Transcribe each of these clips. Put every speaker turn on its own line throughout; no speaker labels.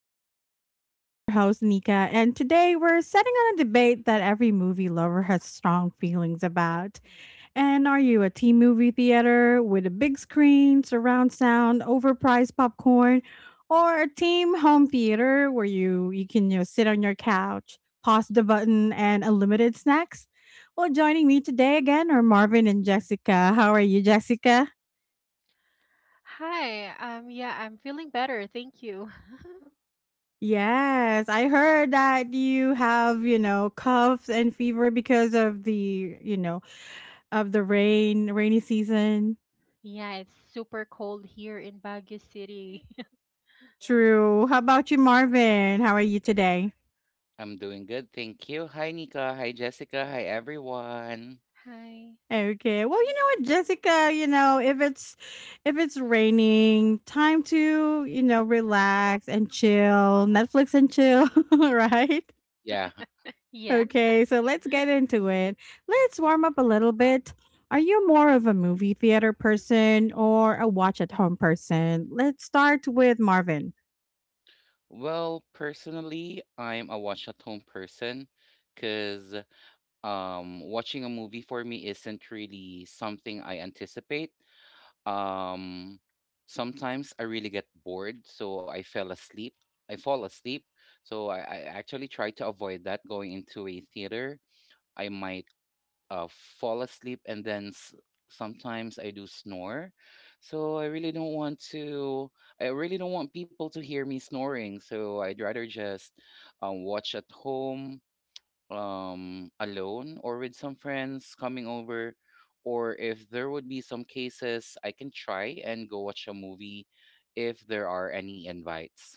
Chit Chat with us. I'm your host, Nika, and today we're setting on a debate that every movie lover has strong feelings about. And are you a teen movie theater with a big screen, surround sound, overpriced popcorn, or a team home theater where you can sit on your couch, pause the button, and unlimited snacks? Well, joining me today again are Marvin and Jessica. How are you, Jessica?
Hi, yeah, I'm feeling better, thank you.
Yes, I heard that you have, coughs and fever because of the rain, rainy season.
Yeah, it's super cold here in Baguio City.
True. How about you, Marvin? How are you today?
I'm doing good, thank you. Hi, Nika. Hi, Jessica. Hi, everyone.
Hi.
Okay. Well, you know what, Jessica, if it's raining, time to, relax and chill, Netflix and chill, right?
Yeah.
Yeah.
Okay, so let's get into it. Let's warm up a little bit. Are you more of a movie theater person or a watch at home person? Let's start with Marvin.
Well, personally, I'm a watch at home person because watching a movie for me isn't really something I anticipate. Um, sometimes I really get bored, so I fell asleep. I fall asleep. So I actually try to avoid that going into a theater. I might fall asleep and sometimes I do snore. So I really don't want to, I really don't want people to hear me snoring. So I'd rather just watch at home, alone or with some friends coming over. Or if there would be some cases, I can try and go watch a movie if there are any invites.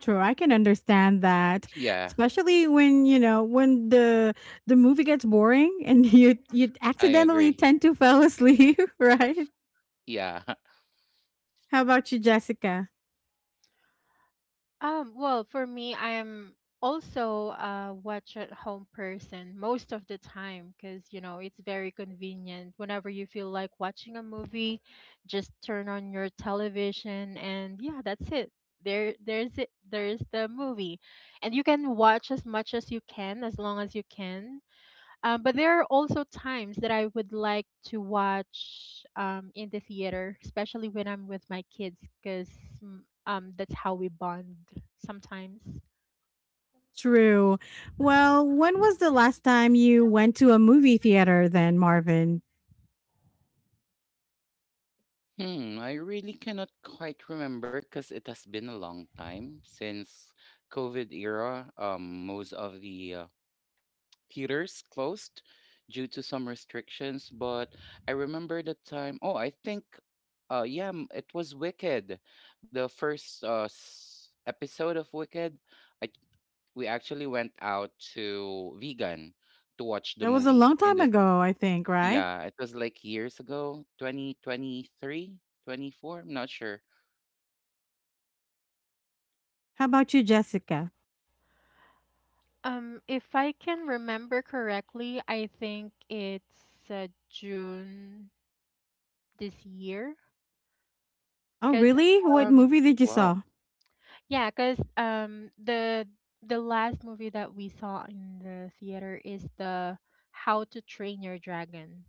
True, I can understand that,
Yeah,
especially when you know when the movie gets boring and you
I
accidentally
agree.
tend to fall asleep, right?
Yeah.
How about you, Jessica?
Well, for me, I am also a watch at home person most of the time because, you know, it's very convenient. Whenever you feel like watching a movie, just turn on your television and yeah, that's it. There there's it. There's the movie. And you can watch as much as you can, as long as you can. But there are also times that I would like to watch in the theater, especially when I'm with my kids, because that's how we bond sometimes.
True. Well, when was the last time you went to a movie theater then, Marvin?
I really cannot quite remember because it has been a long time since COVID era. Most of the theaters closed due to some restrictions, but I remember the time. Oh, I think, yeah, it was Wicked, the first episode of Wicked. I we actually went out to Vegan to watch the
That was a
movie
long
in
time
the
ago, I think, right?
yeah, it was like years ago, 2023, 24. I'm not sure.
How about you, Jessica?
If I can remember correctly, I think it's June this year,
Oh,
because
really? What
um,
movie did you
Wow.
saw?
yeah, because um, the the last movie that we saw in the theater is the How to Train Your Dragon.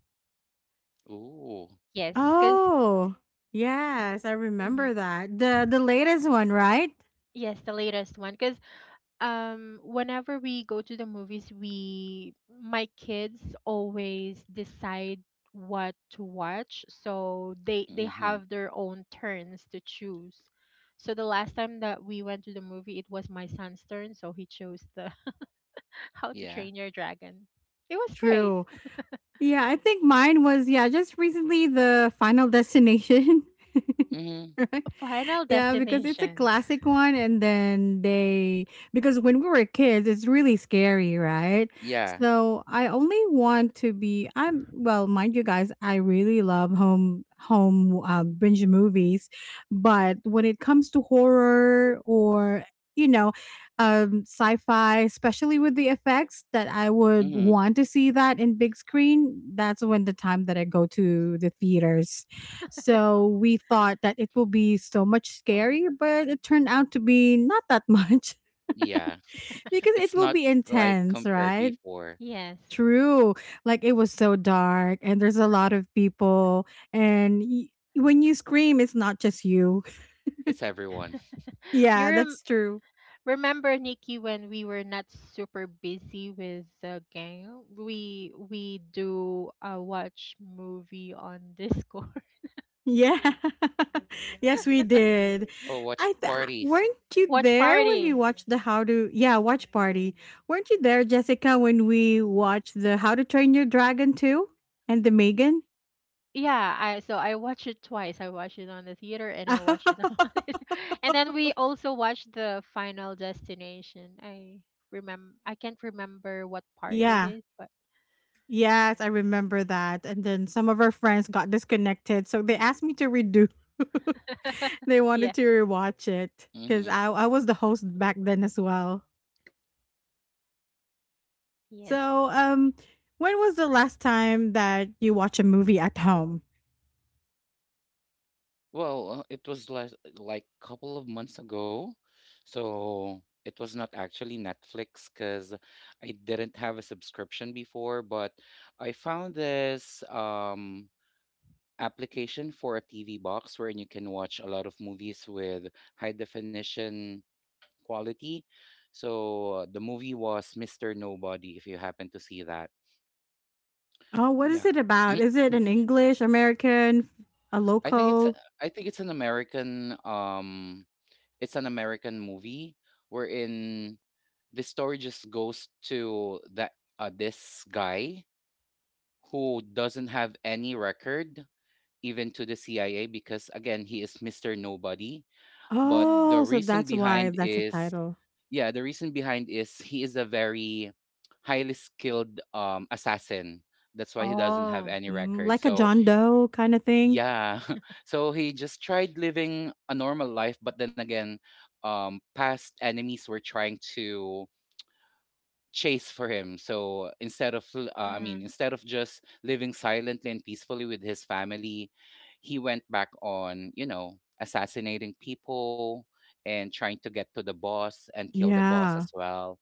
Ooh.
Yes, because
Oh, yes, I remember that. The latest one, right?
Yes, the latest one. Because whenever we go to the movies, we my kids always decide what to watch, so they
Mm-hmm.
have their own turns to choose. So the last time that we went to the movie, it was my son's turn, so he chose the How to
Yeah.
Train Your Dragon. It was great.
True. Yeah, I think mine was yeah, just recently the Final Destination.
Mm-hmm.
Right?
Final
Yeah, because it's a
Destination.
classic one and then they because when we were kids, it's really scary, right?
Yeah.
So, I only want to be I'm well, mind you guys, I really love home binge movies, but when it comes to horror or you know sci-fi, especially with the effects, that I would
Mm-hmm.
want to see that in big screen. That's when the time that I go to the theaters. So we thought that it will be so much scary, but it turned out to be not that much.
Yeah.
Because it
It's
will
not
be
like
intense,
compared
right?
before.
Yes.
True. Like it was so dark and there's a lot of people, and y- when you scream, it's not just you.
It's everyone.
you
Yeah,
rem
that's true.
Remember, Nikki, when we were not super busy with the gang, we do a watch movie on Discord.
Yeah. Yes, we did.
Oh, watch parties.
Weren't you
Watch
there when we
party.
watched the How to Yeah, watch party. Weren't you there, Jessica, when we watched the How to Train Your Dragon 2 and the Megan?
Yeah, I so I watched it twice. I watched it on the theater and I watched it on and then we also watched the Final Destination. I remember I can't remember what part it
Yeah.
is, but
Yes, I remember that. And then some of our friends got disconnected, so they asked me to redo. They wanted
yeah,
to rewatch it
Mm-hmm.
because I was the host back then as well.
yes.
So, when was the last time that you watched a movie at home?
Well, it was less, like couple of months ago. So it was not actually Netflix because I didn't have a subscription before, but I found this application for a TV box wherein you can watch a lot of movies with high definition quality. So the movie was Mr. Nobody, if you happen to see that.
Oh, what is
Yeah.
it about? Is it an English, American, a
I think it's a,
local?
I think it's an American movie wherein the story just goes to that this guy who doesn't have any record even to the CIA because again he is Mr. Nobody, but
Mm.
the
Oh, so
reason
that's
behind
why that's a
is,
title.
yeah, the reason behind is he is a very highly skilled assassin. That's why he doesn't have
Oh.
any
Mm,
record.
like a
So
John Doe kind of thing?
yeah, so he just tried living a normal life, but then again, past enemies were trying to chase for him. So I mean, instead of just living silently and peacefully with his family, he went back on, you know, assassinating people and trying to get to the boss and kill the boss
Yeah.
as well.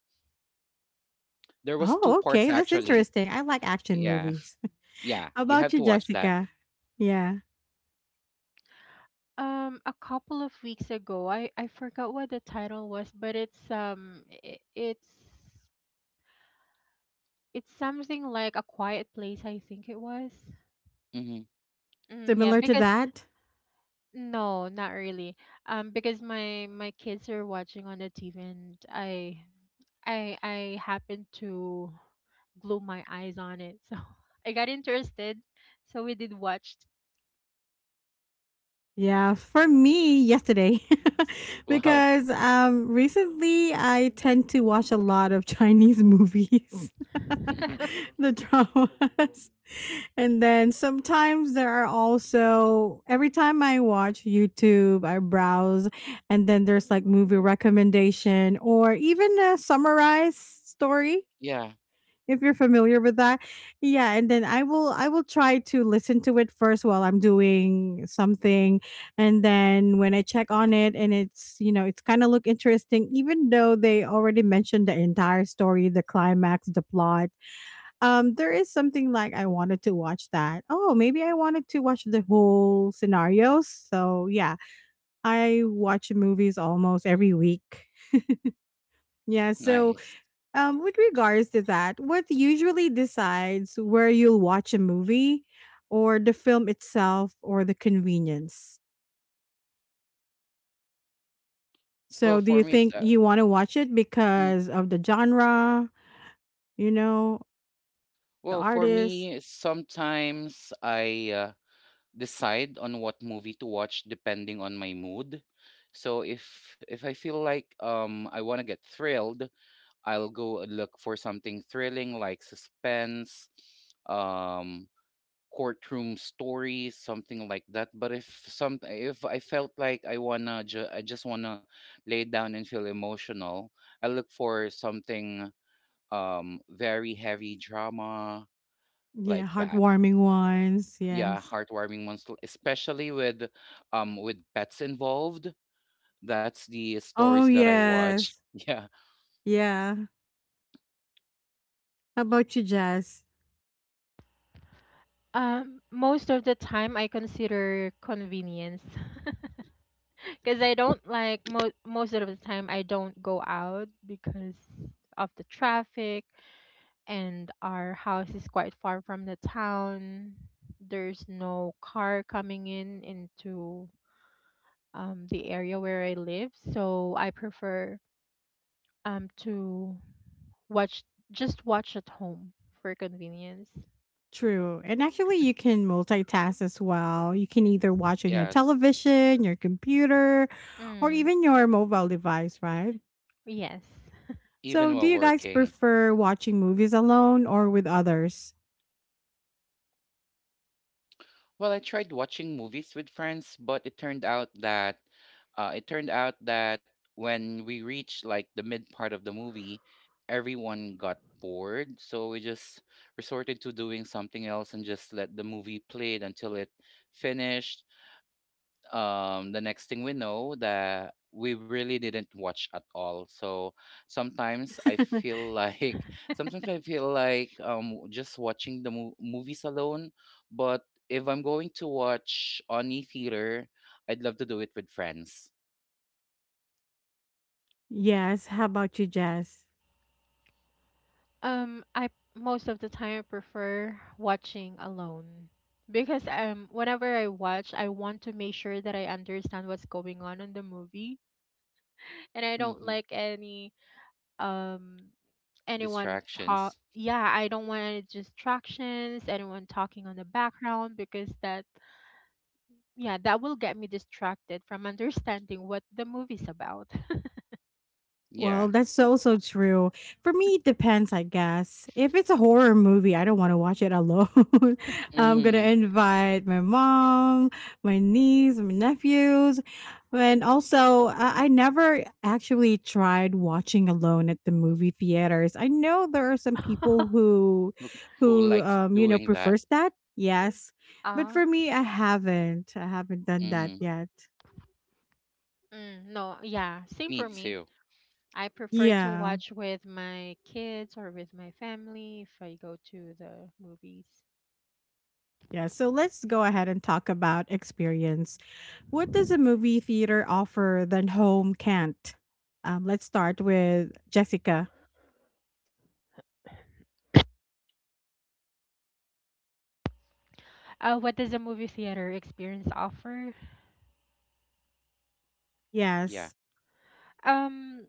There was two
Oh,
parts
okay. That's
actually.
interesting. I like action
Yeah.
movies.
Yeah.
How
You
about
have
you,
to watch that.
Jessica? Yeah.
A couple of weeks ago. I forgot what the title was, but it's something like A Quiet Place, I think it was.
Hmm.
Mm, yeah,
Similar to
because
that?
no, not really. Because my kids are watching on the TV, and I happened to glue my eyes on it, so I got interested. So we did watched.
Yeah, for me, yesterday,
Wow.
because recently I tend to watch a lot of Chinese movies, the dramas. And then sometimes there are also, every time I watch YouTube, I browse, and then there's like movie recommendation or even a summarized story,
Yeah,
if you're familiar with that. Yeah, and then I will try to listen to it first while I'm doing something, and then when I check on it and it's, you know, it's kind of look interesting, even though they already mentioned the entire story, the climax, the plot. Um, there is something like I wanted to watch that. Oh, maybe I wanted to watch the whole scenarios. So, yeah, I watch movies almost every week. Yeah, so
nice.
with regards to that, what usually decides where you'll watch a movie, or the film itself or the convenience?
Well,
So, do
for
you
me, it's,
think
uh,
you want to watch it
mm,
because of the genre, you know, the
well, for
artist?
me, sometimes I decide on what movie to watch depending on my mood. So if I feel like I want to get thrilled, I'll go and look for something thrilling like suspense, um courtroom stories, something like that. But if I felt like I just wanna lay down and feel emotional, I look for something very heavy drama
Yeah,
like that.
heartwarming ones.
Yeah,
Yes.
heartwarming ones, especially with pets involved. That's the stories
Oh,
that I watch.
yes.
Yeah.
Yeah. How about you, Jess?
Most of the time I consider convenience. Because I don't like most of the time I don't go out because of the traffic and our house is quite far from the town. There's no car coming in into the area where I live, so I prefer to watch just watch at home for convenience.
True. And actually, you can multitask as well. You can either watch on your
Yes.
television, your computer, or
Mm,
even your mobile device, right?
yes.
Even
So, do
while
you guys
working.
prefer watching movies alone or with others?
Well, I tried watching movies with friends, but it turned out that when we reached like the mid part of the movie, everyone got bored. So we just resorted to doing something else and just let the movie played until it finished. The next thing we know that we really didn't watch at all. So sometimes I feel like sometimes I feel like just watching the movies alone, but if I'm going to watch on e theater, I'd love to do it with friends.
Yes. How about you, Jess?
I most of the time prefer watching alone because whenever I watch, I want to make sure that I understand what's going on in the movie, and I don't
Hmm.
like any um anyone talk.
Distractions.
Yeah, I don't want any distractions, anyone talking on the background because that yeah, that will get me distracted from understanding what the movie's about.
Yeah.
Well, that's so, so true. For me, it depends, I guess. If it's a horror movie, I don't want to watch it alone. I'm going to
Hmm.
invite my mom, my niece, my nephews. And also, I never actually tried watching alone at the movie theaters. I know there are some people who,
who, who
who,
likes
um, you know,
doing that.
prefers that. Yes. But
Ah,
for me, I haven't. I haven't done that
Hmm.
yet.
mm, no, yeah, same
Me
for me.
too.
I prefer to
Yeah.
watch with my kids or with my family if I go to the movies.
Yeah, so let's go ahead and talk about experience. What does a movie theater offer than home can't? Let's start with Jessica.
What does a movie theater experience offer?
Yeah.
Yes.
Um,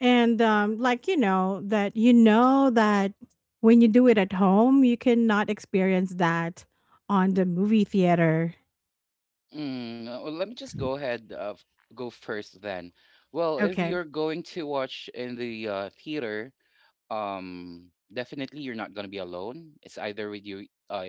And like, you know that when you do it at home, you cannot experience that on the movie theater.
Well, let me just go first then. Well, if
Okay.
you're going to watch in the theater, definitely you're not going to be alone. It's either with you,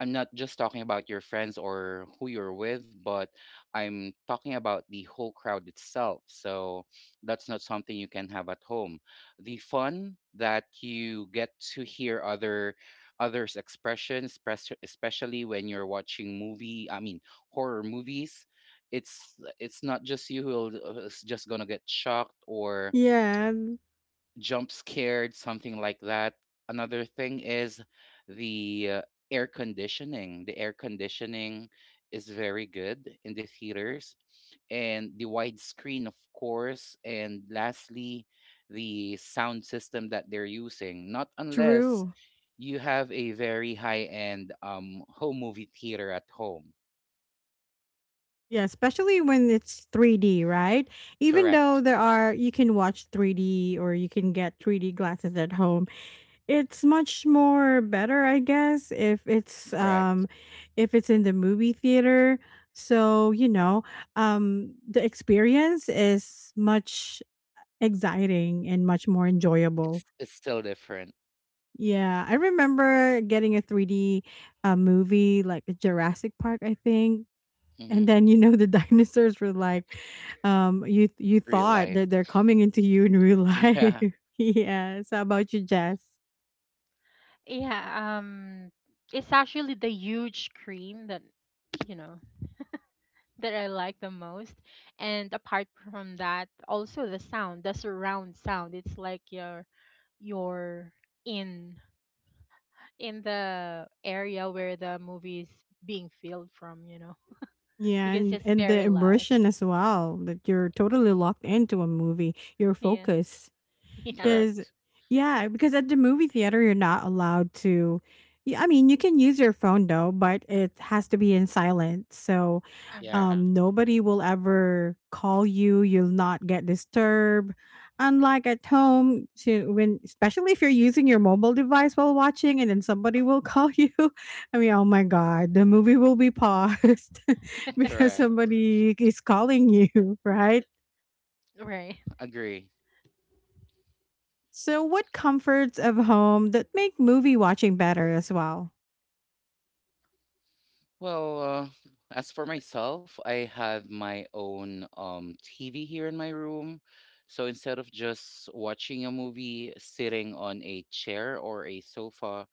I'm not just talking about your friends or who you're with, but I'm talking about the whole crowd itself. So that's not something you can have at home. The fun that you get to hear others' expressions, especially when you're watching movie, I mean horror movies, it's not just you who'll is just gonna get shocked or
Yeah,
jump scared, something like that. Another thing is the air conditioning. The air conditioning is very good in the theaters, and the widescreen, of course. And lastly, the sound system that they're using. Not unless
true.
you have a very high end home movie theater at home.
Yeah, especially when it's 3D, right? Even though
Correct.
there are, you can watch 3D or you can get 3D glasses at home. It's much more better, I guess,
Correct.
if it's in the movie theater. So, you know, um, the experience is much exciting and much more enjoyable.
It's still different.
Yeah, I remember getting a 3D movie like Jurassic Park, I think. And
Hmm.
then you know the dinosaurs were like you
Real
thought
life.
that they're coming into you in real life.
Yeah.
Yes. How about you, Jess?
yeah, um, it's actually the huge screen that, you know, that I like the most. And apart from that, also the sound, the surround sound. It's like you're in in the area where the movie is being filmed from, you know,
Yeah,
because
and
it's
the
very loud.
immersion as well, that you're totally locked into a movie. Your
Yeah.
focus
Yeah.
'cause
Correct.
yeah, because at the movie theater, you're not allowed to yeah, I mean, you can use your phone though, but it has to be in silent. So,
Mm-hmm.
Yeah.
nobody will ever call you. You'll not get disturbed. Unlike at home, to when, especially if you're using your mobile device while watching, and then somebody will call you. I mean, oh my god, the movie will be paused because
Correct.
somebody is calling you, right?
Right.
Agree.
So, what comforts of home that make movie watching better as well?
Well, as for myself, I have my own TV here in my room. So instead of just watching a movie sitting on a chair or a sofa,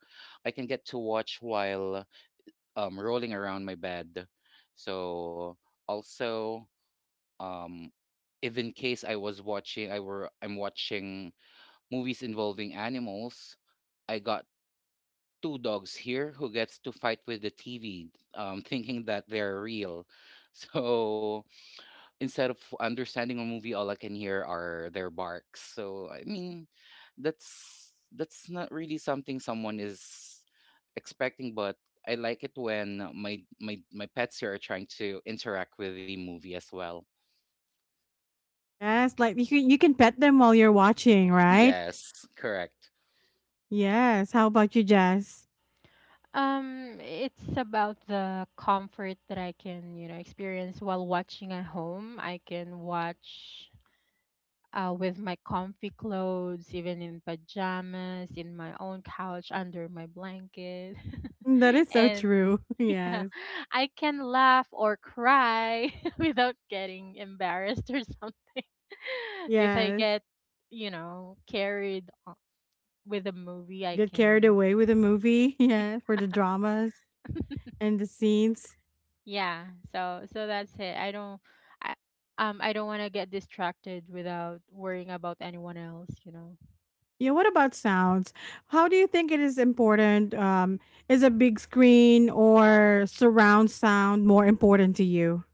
I can get to watch while rolling around my bed. So also, um, if in case I'm watching movies involving animals, I got two dogs here who gets to fight with the TV, thinking that they're real. So instead of understanding a movie, all I can hear are their barks. So I mean, that's not really something someone is expecting, but I like it when my pets here are trying to interact with the movie as well.
Yes, like you can pet them while you're watching, right?
Yes, correct.
Yes. How about you, Jess?
It's about the comfort that I can, you know, experience while watching at home. I can watch with my comfy clothes, even in pajamas, in my own couch, under my blanket.
Mm, that is so
And
true.
yeah,
Yes.
I can laugh or cry without getting embarrassed or something. If I
Yes.
get, you know, carried o- With a movie, I
Get
can, you
carried
know.
away with the movie. Yeah, for the dramas and the scenes.
Yeah, so that's it. I I don't want to get distracted without worrying about anyone else, you know.
Yeah. What about sounds? How do you think it is important? Is a big screen or surround sound more important to you?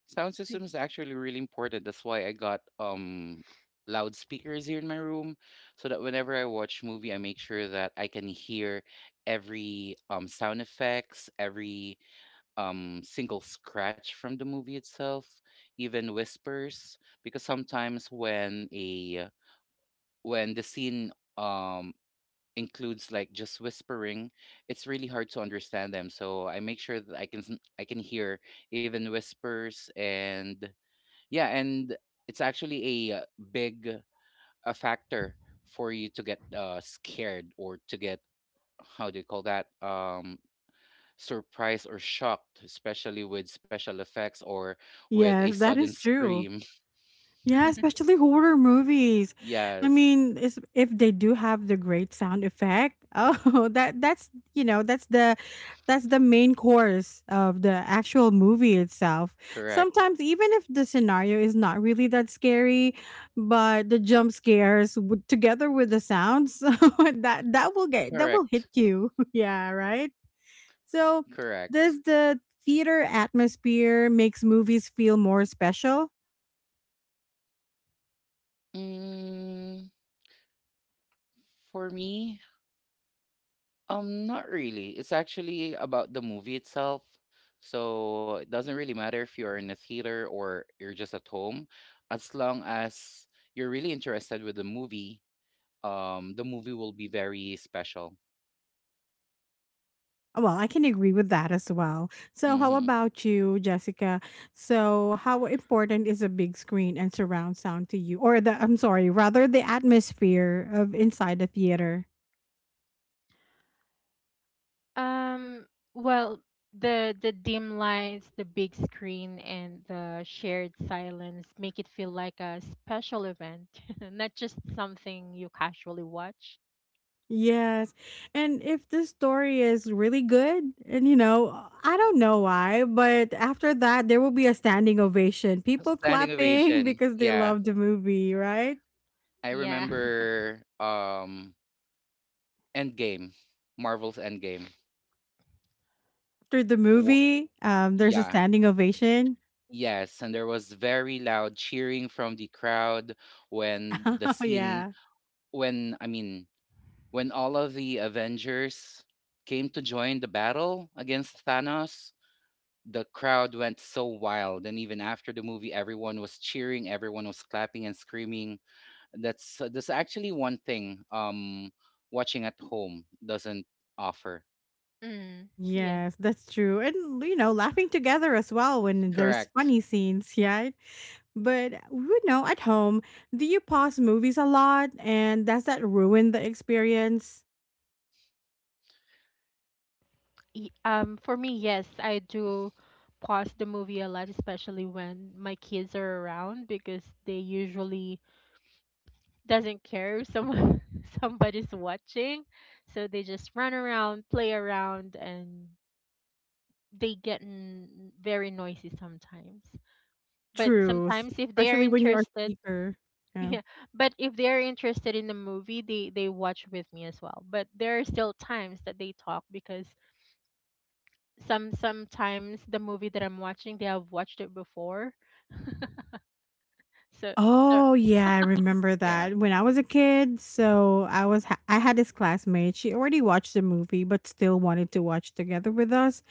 Sound system
See.
is actually really important. That's why I got loudspeakers here in my room, so that whenever I watch movie I make sure that I can hear every sound effects, every single scratch from the movie itself, even whispers, because sometimes when a when the scene um includes like just whispering, it's really hard to understand them. So I make sure that I can hear even whispers and yeah, and it's actually a big a factor for you to get scared or to get how do you call that, surprised or shocked, especially with special effects or with a
Yes, that
sudden
is true.
scream.
Yeah, especially horror movies. I
Yes,
mean, is if they do have the great sound effect, oh, that that's you know that's the main course of the actual movie itself.
correct,
Sometimes, even if the scenario is not really that scary, but the jump scares together with the sounds, so that will get that will hit
correct,
you. Yeah, right. So,
correct.
does the theater atmosphere makes movies feel more special?
Mm, for me, um, not really. It's actually about the movie itself. So it doesn't really matter if you're in a theater or you're just at home. As long as you're really interested with the movie will be very special.
Well, I can agree with that as well. So, how
Mm-hmm.
about you, Jessica? So, how important is a big screen and surround sound to you? Or the, I'm sorry, rather the atmosphere of inside the theater?
Um well, the dim lights, the big screen and the shared silence make it feel like a special event, not just something you casually watch.
Yes. And if the story is really good, and you know, I don't know why, but after that, there will be a standing ovation. People
Standing
clapping
ovation.
because they
Yeah.
love the movie, right?
I
Yeah.
remember Endgame, Marvel's Endgame.
After the
Wha
movie, there's a
Yeah.
standing ovation.
Yes, and there was very loud cheering from the crowd when the
Oh,
scene
yeah.
when I mean when all of the Avengers came to join the battle against Thanos. The crowd went so wild. And even after the movie, everyone was cheering, everyone was clapping and screaming. That's actually one thing watching at home doesn't offer.
Mm, yeah.
Yes, that's true. And you know, laughing together as well when there's
Correct.
funny scenes, yeah. But you know, at home, do you pause movies a lot and does that ruin the experience?
For me, yes, I do pause the movie a lot, especially when my kids are around because they usually doesn't care if someone somebody's watching, so they just run around, play around, and they get very noisy sometimes. But
True.
sometimes if they are
Especially when you're a
interested,
speaker. Yeah.
yeah, but if they are interested in the movie, they watch with me as well. But there are still times that they talk because sometimes the movie that I'm watching, they have watched it before. So so
Oh yeah, I remember
Yeah.
that. When I was a kid, so I had this classmate. She already watched the movie but still wanted to watch together with us.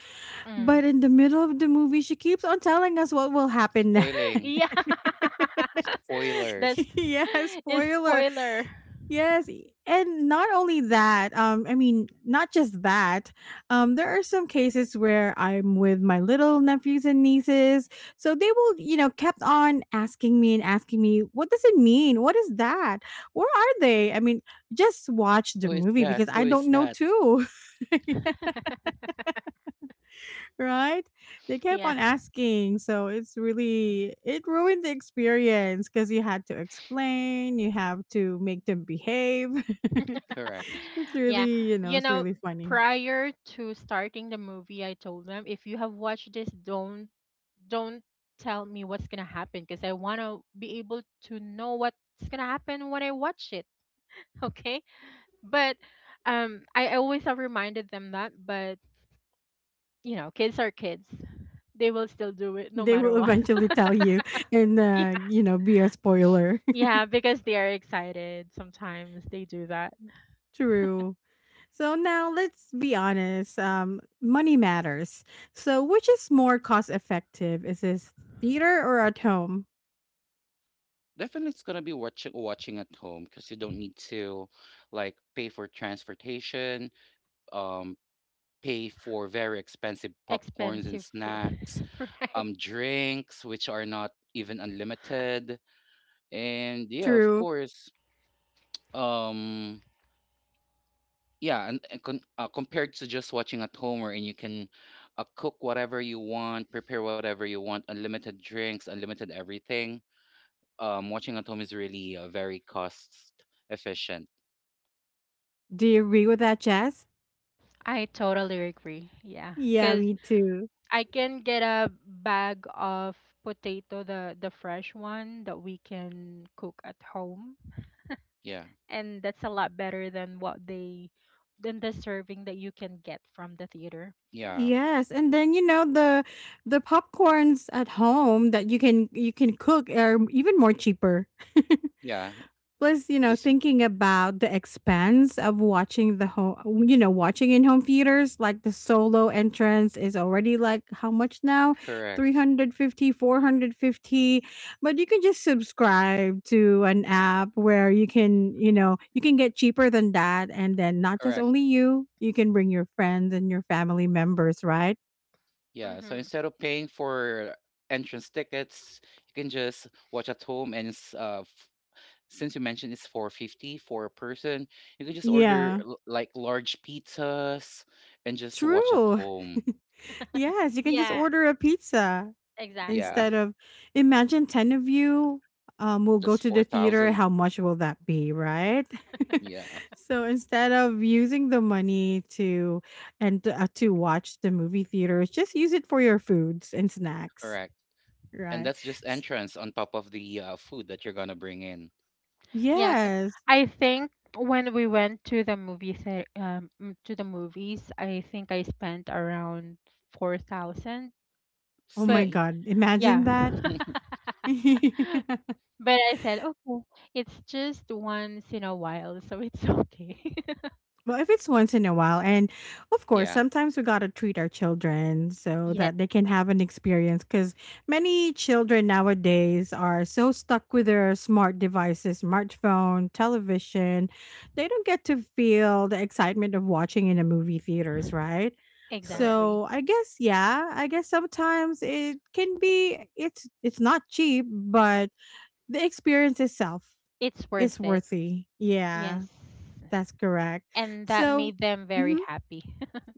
mm.
But in the middle of the movie, she keeps on telling us what will happen next.
Spoiling.
yeah, that's
Spoilers.
Yeah,
is
spoiler.
spoiler.
Yes, and not only that, um, I mean, not just that. Um, there are some cases where I'm with my little nephews and nieces, so they will, you know, kept on asking me and asking me, "What does it mean? What is that? Where are they?" I mean, just watch the
Who is
movie
that?
because
Who
I
is
don't know
that?
too. Right? They kept
yeah,
on asking, so it's really it ruined the experience because you had to explain, you have to make them behave.
Correct.
It's
yeah.
really, you know,
You
it's
know,
really funny.
prior to starting the movie, I told them if you have watched this, don't tell me what's gonna happen because I wanna be able to know what's gonna happen when I watch it. Okay, but I always have reminded them that, but you know, kids are kids. They will still do it no
They
matter
will
what.
eventually tell you and
Yeah.
you know, be a spoiler.
Yeah, because they are excited. Sometimes they do that.
True. So now let's be honest. Money matters. So which is more cost effective? Is this theater or at home?
Definitely it's gonna be watching at home because you don't need to like pay for transportation, um, pay for very expensive popcorns and
Expensive food.
snacks,
Right.
drinks which are not even unlimited, and yeah, of
True.
course, um, compared to just watching at home, wherein you can cook whatever you want, prepare whatever you want, unlimited drinks, unlimited everything. Watching at home is really very cost efficient.
Do you agree with that, Jazz?
I totally agree. Yeah.
Yeah,
Cuz
me too.
I can get a bag of potato, the fresh one that we can cook at home,
Yeah,
and that's a lot better than what they than the serving that you can get from the theater.
yeah,
Yes, and then you know the popcorns at home that you can cook are even more cheaper.
yeah.
Plus,
Just
thinking about the expense of watching the home, watching in home theaters, like the solo entrance is already like how much now? three
correct,
hundred fifty, 450. But you can just subscribe to an app where you can get cheaper than that. And then not just
correct.
only you, you can bring your friends and your family members, right?
Yeah, so
Mhm.
instead of paying for entrance tickets, you can just watch at home and since you mentioned it's 450 for a person, you can just
Yeah,
like large pizzas and just watch at
true.
home.
Yes, you can just
Yeah,
order a pizza
Yeah,
instead
exactly.
of, imagine 10 of you will go
that's
to the theater,
4,000.
how much will that be, right?
Yeah,
So instead of using the money to and to watch the movie theaters, just use it for your foods and snacks,
correct. And
right?
that's just
S-
entrance on top of the food that you're gonna bring in.
Yeah, c-
Yes.
I think when we went to the movie the m- to the movies, I think I spent around 4,000.
Oh my
But
See?
god, imagine
yeah.
that.
But I said, "Okay, it's just once in a while, so it's okay."
Well, if it's once in a while, and of course,
Yeah,
sometimes we gotta treat our children so
Yeah,
that they can have an experience. Because many children nowadays are so stuck with their smart devices, smartphone, television, they don't get to feel the excitement of watching in the movie theaters, right?
correct.
exactly.
So I guess, yeah, I guess sometimes it can be it's not cheap, but the experience itself
It's
is
worth it.
worthy. Yeah.
Yes.
That's correct.
And that
So,
made them very
mhm,
happy.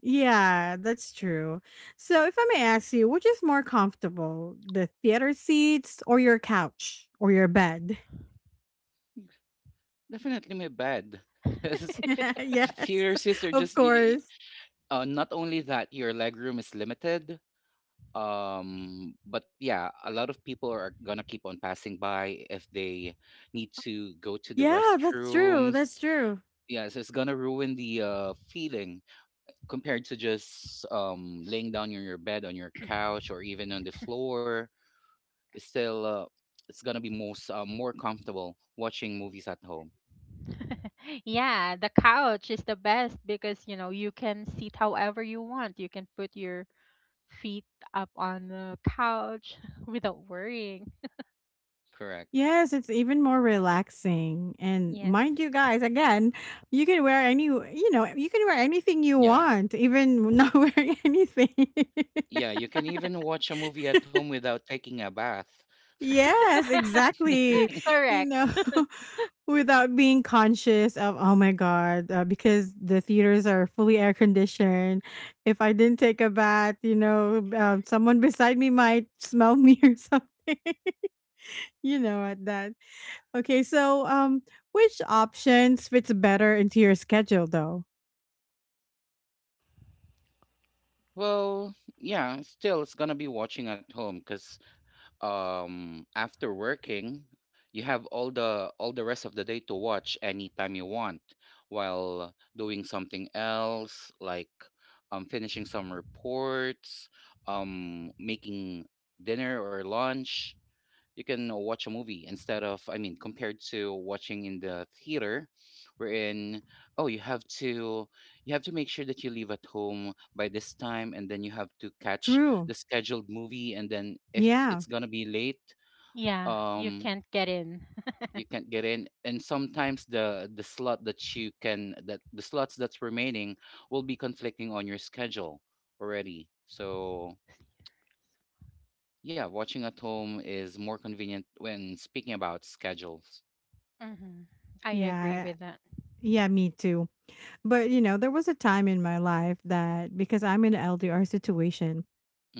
yeah, that's true. So, if I may ask you, which is more comfortable, the theater seats or your couch or your bed?
Definitely my bed. Because
Yeah.
theater
Yes,
sister
of
just
course.
not only that your leg room is limited, but yeah a lot of people are gonna keep on passing by if they need to go to the
Yeah, that's true.
restroom.
That's true.
Yeah, so it's gonna ruin the feeling compared to just laying down on your bed, on your couch, or even on the floor. It's still it's gonna be most more comfortable watching movies at home.
Yeah, the couch is the best because you know you can sit however you want. You can put your feet up on the couch without worrying.
Correct.
Yes, it's even more relaxing. And
Yes.
mind you guys, again, you can wear anything you
Yeah,
want, even not wearing anything.
yeah, you can even watch a movie at home without taking a bath.
Yes, exactly. You
Correct.
know. Without being conscious of, oh my god, because the theaters are fully air conditioned. If I didn't take a bath, someone beside me might smell me or something. you know at that okay, so which options fits better into your schedule though?
Well, yeah, still it's gonna be watching at home because after working you have all the rest of the day to watch anytime you want while doing something else, like finishing some reports, making dinner or lunch. You can watch a movie instead of, I mean, compared to watching in the theater wherein, oh, you have to, you have to make sure that you leave at home by this time, and then you have to catch
True.
the scheduled movie, and then if
Yeah.
it's gonna be late,
Yeah, you
um
can't get in.
you can't get in. And sometimes the slot that you can, that the slots that's remaining will be conflicting on your schedule already. So yeah, watching at home is more convenient when speaking about schedules.
Hmm. I agree
Yeah,
with that.
yeah, me too. But there was a time in my life that because I'm in an LDR situation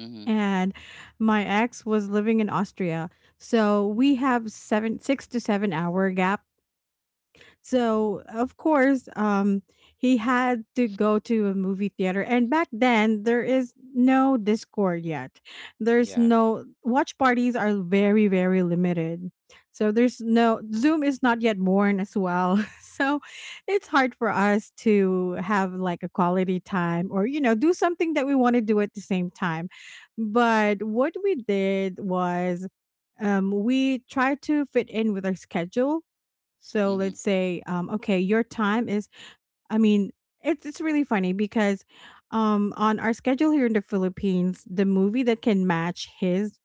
Mm-hmm.
and my ex was living in Austria. So we have seven 6 to 7 hour gap, so, of course, he had to go to a movie theater. And back then, there is no Discord yet. There's
Yeah.
no watch parties are very, very limited. So, there's no Zoom is not yet born as well. So, it's hard for us to have like a quality time or, do something that we want to do at the same time. But what we did was, we tried to fit in with our schedule. So
Mm-hmm.
let's say, okay, I mean, it's really funny because on our schedule here in the Philippines, the movie that can match his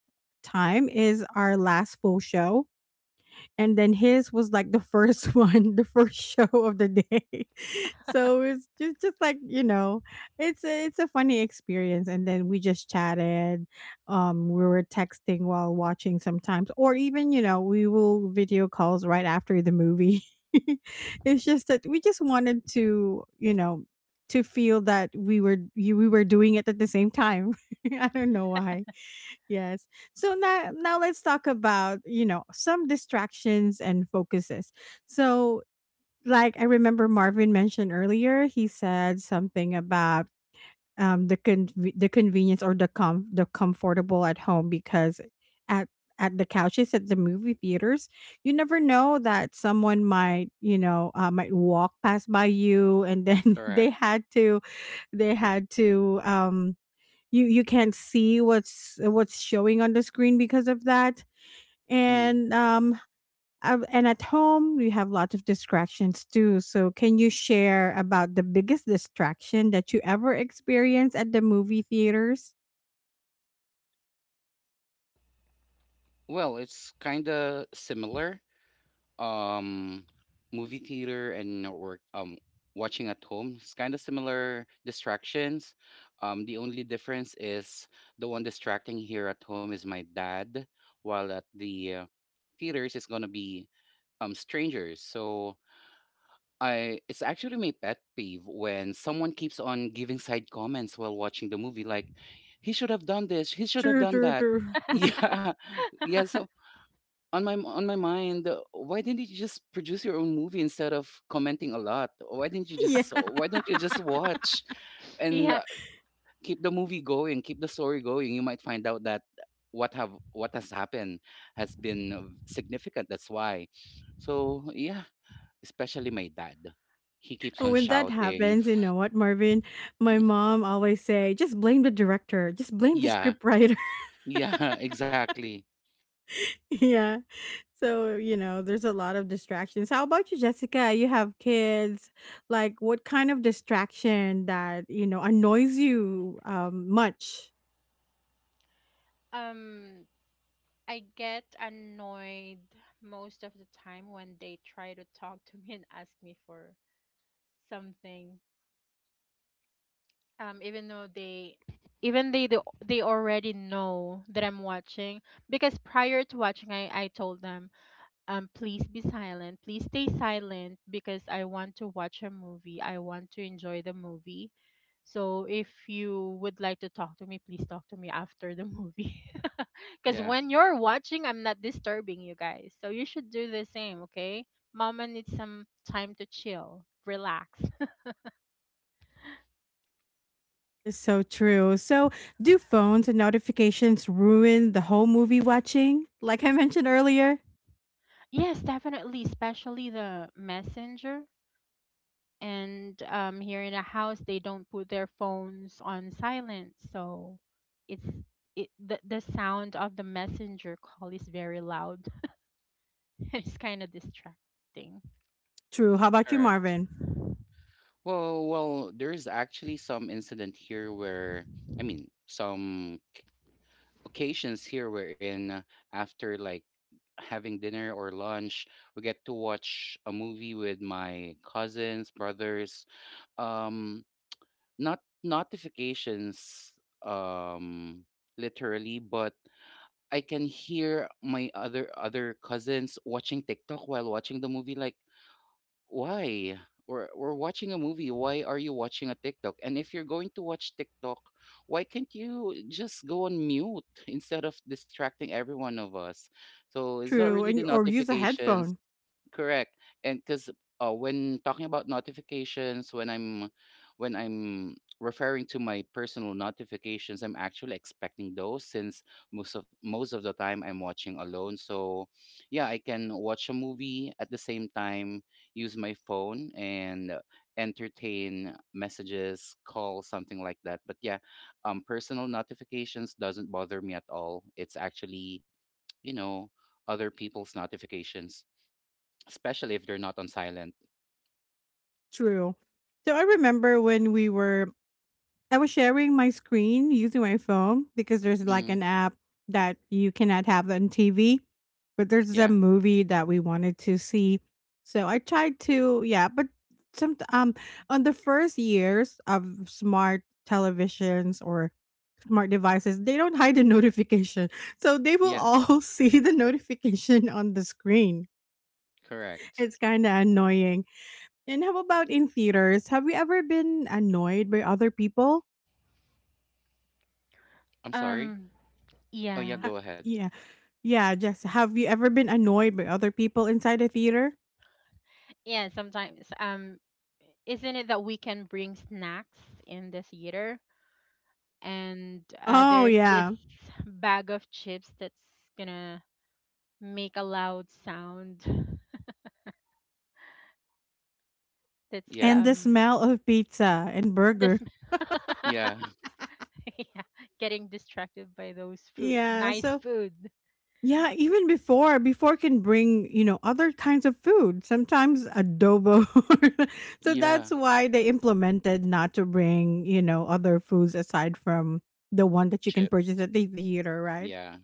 time is our last full show, and then his was like the first one, the first show of the day. So it's just like, it's a funny experience and then we just chatted. We were texting while watching sometimes or even, we will video calls right after the movie. It's just that we just wanted to, to feel that we were doing it at the same time. I don't know why. Yes. So now let's talk about, some distractions and focuses. So like I remember Marvin mentioned earlier, he said something about the convenience or the comfortable at home because at at the couches at the movie theaters, you never know that someone might, might walk past by you, and then
Correct.
they had to you can't see what's showing on the screen because of that.
Mm-hmm.
And and at home you have lots of distractions too, so can you share about the biggest distraction that you ever experienced at the movie theaters?
Well, it's kind of similar. Um, movie theater and work. Watching at home. It's kind of similar distractions. The only difference is the one distracting here at home is my dad, while at the theaters it's gonna be strangers. So I, it's actually my pet peeve when someone keeps on giving side comments while watching the movie, like he should have done this, he should have
True,
done
true,
that.
true.
Yeah, yeah. So on my, on my mind, why didn't you just produce your own movie instead of commenting a lot? Why didn't you
Yeah,
just, why don't you just watch and
Yeah.
keep the movie going, keep the story going? You might find out that what have, what has happened has been significant. That's why. So yeah, especially my dad. He keeps on
when that
shouting.
happens, you know what, Marvin, my mom always say just blame the director, just blame the
Yeah,
scriptwriter.
yeah, exactly.
Yeah. So, there's a lot of distractions. How about you, Jessica? You have kids. Like, what kind of distraction that, annoys you much?
Um, I get annoyed most of the time when they try to talk to me and ask me for something even though they they already know that I'm watching because prior to watching I told them, um, please be silent, please stay silent because I want to watch a movie, I want to enjoy the movie. So if you would like to talk to me, please talk to me after the movie. Because
Yeah,
when you're watching I'm not disturbing you guys, so you should do the same, okay? Mama needs some time to chill, relax.
Is so true. So, do phones and notifications ruin the whole movie watching? Like I mentioned earlier?
Yes, definitely, especially the messenger. And here in the house they don't put their phones on silent, so it's the sound of the messenger call is very loud. It's kind of distracting.
True. How about you,
correct.
Marvin?
Well, well, there's actually some incident here where, I mean, some occasions here wherein after like having dinner or lunch, we get to watch a movie with my cousins, brothers. Um, not notifications, um, literally, but I can hear my other cousins watching TikTok while watching the movie. Like, why? We're watching a movie. Why are you watching a TikTok? And if you're going to watch TikTok, why can't you just go on mute instead of distracting every one of us? So it's not
True.
really
And
the
or use a
notifications.
headphone.
Correct. And because when talking about notifications, when I'm referring to my personal notifications, I'm actually expecting those since most of the time I'm watching alone. So yeah, I can watch a movie at the same time, use my phone and entertain messages, calls, something like that. But yeah, personal notifications doesn't bother me at all. It's actually, you know, other people's notifications, especially if they're not on silent.
True. So I remember when we were I was sharing my screen using my phone because there's like
Mm,
an app that you cannot have on TV, but there's
yeah.
a movie that we wanted to see. So I tried to, yeah, but some on the first years of smart televisions or smart devices, they don't hide the notification. So they will
Yeah.
all see the notification on the screen.
Correct.
It's kind of annoying. And how about in theaters? Have you ever been annoyed by other people?
I'm sorry.
um
Oh yeah,
yeah.
Uh,
go ahead.
yeah. Yeah, Jess, have you ever been annoyed by other people inside a theater?
Yeah, sometimes isn't it that we can bring snacks in the theater, and
Oh,
there's this
yeah.
bag of chips that's gonna make a loud sound that's
Yeah.
And the smell of pizza and burger.
this
Yeah.
yeah, getting distracted by those food,
Yeah,
nice
so
food.
yeah, even before can bring, other kinds of food, sometimes adobo. So
Yeah.
that's why they implemented not to bring, other foods aside from the one that you can
Chips.
purchase at the theater, right?
Yeah.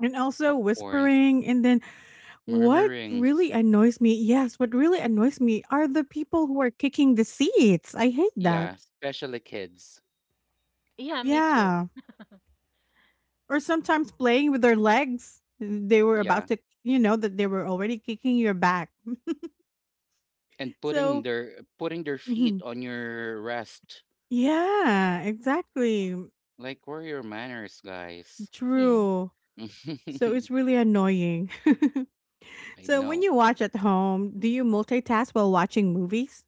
And also
Popcorns.
whispering, and then, what really
Murmurings.
annoys me, yes, what really annoys me are the people who are kicking the seats. I hate that.
Yeah. Especially kids.
Yeah, me too.
Yeah. Or sometimes playing with their legs. They were
Yeah.
about to, you know, that they were already kicking your back.
And putting
So,
their, putting their feet
mhm.
on your rest.
Yeah, exactly. Mm,
Like where are your manners, guys?
Yes.
true. So it's really annoying.
I
So when
know.
you watch at home, do you multitask while watching movies?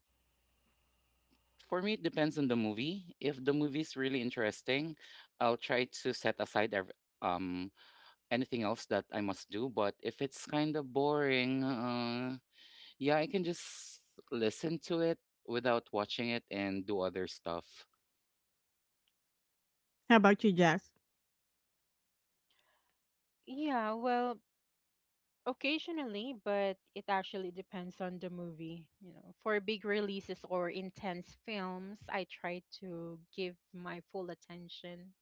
For me, it depends on the movie. If the movie's really interesting, I'll try to set aside anything else that I must do. But if it's kind of boring, yeah, I can just listen to it without watching it and do other stuff.
How about you, Jess?
Yeah, well, occasionally, but it actually depends on the movie. You know, for big releases or intense films, I try to give my full attention.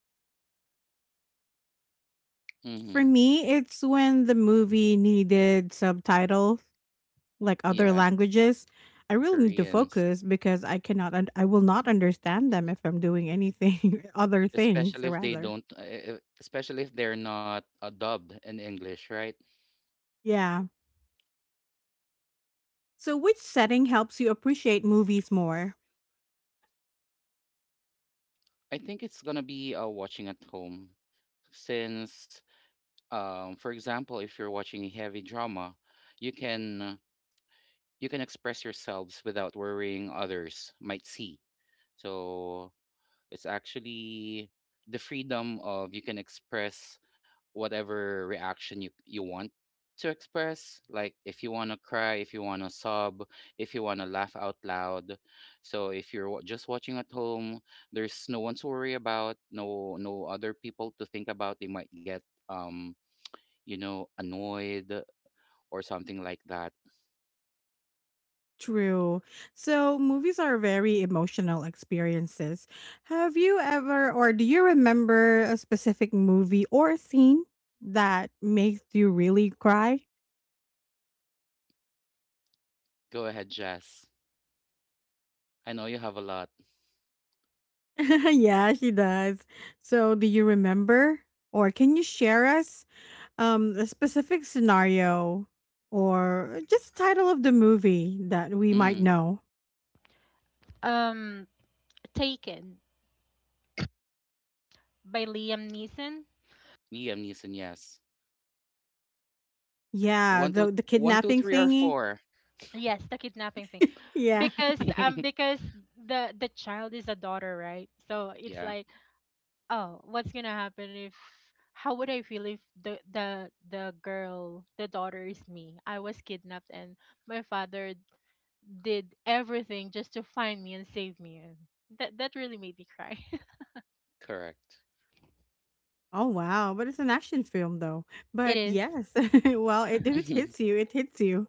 For
hmm
me, it's when the movie needed subtitles like other
Yeah,
languages, I really need to
Koreans,
focus because I cannot un- I will not understand them if I'm doing anything other things
especially if they
rather.
don't, especially if they're not dubbed in English, right?
Yeah. So which setting helps you appreciate movies more?
I think it's gonna be watching at home since, for example, if you're watching a heavy drama, you can. You can express yourselves without worrying others might see. So it's actually the freedom of, you can express whatever reaction you, you want to express. Like if you want to cry, if you want to sob, if you want to laugh out loud. So if you're just watching at home, there's no one to worry about, no, no other people to think about. They might get um you know annoyed or something like that.
True. So movies are very emotional experiences. Have you ever or do you remember a specific movie or scene that makes you really cry?
Go ahead, Jess. I know you have a lot.
Yeah, she does. So do you remember or can you share us a specific scenario or just the title of the movie that we might
Mm,
know.
Um, Taken by Liam Neeson.
Liam Neeson, yes.
Yeah,
One, two,
the
one, two,
kidnapping
three, or
thingy.
four.
Yes, the kidnapping thing.
Yeah.
Because the child is a daughter, right? So it's
Yeah,
like oh, what's gonna happen if how would I feel if the girl, the daughter is me? I was kidnapped, and my father did everything just to find me and save me, and that, that really made me cry.
correct.
Oh wow, but it's an action film though.
It
But
is.
yes, well, if it
Mhm,
hits you, it hits you.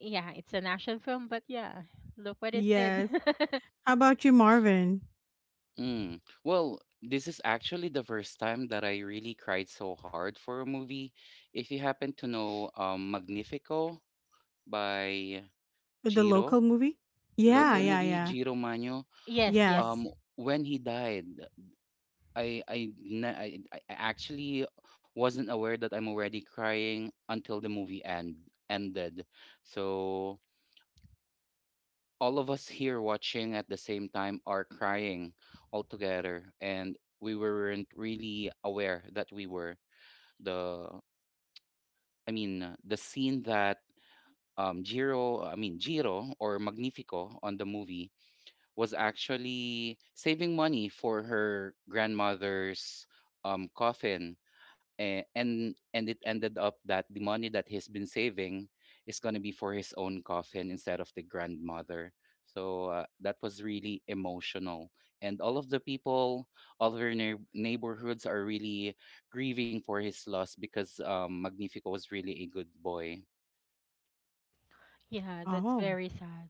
Yeah, it's an action film, but yeah, look what it did.
Yes. How about you, Marvin?
mm. Well, this is actually the first time that I really cried so hard for a movie. If you happen to know Magnifico by
The
Giro,
local movie? Yeah,
local
Hmm.
yeah,
movie,
yeah.
Giro Mano,
Yes,
Yes.
um,
yes.
when he died, I actually wasn't aware that I'm already crying until the movie ended. So all of us here watching at the same time are crying all together, and we weren't really aware that we were, the, the scene that Jiro, Jiro or Magnifico on the movie was actually saving money for her grandmother's coffin, and it ended up that the money that he's been saving is going to be for his own coffin instead of the grandmother. So that was really emotional, and all of the people, all of our neighborhoods are really grieving for his loss because Magnifico was really a good boy.
Yeah, that's
Oh.
very sad.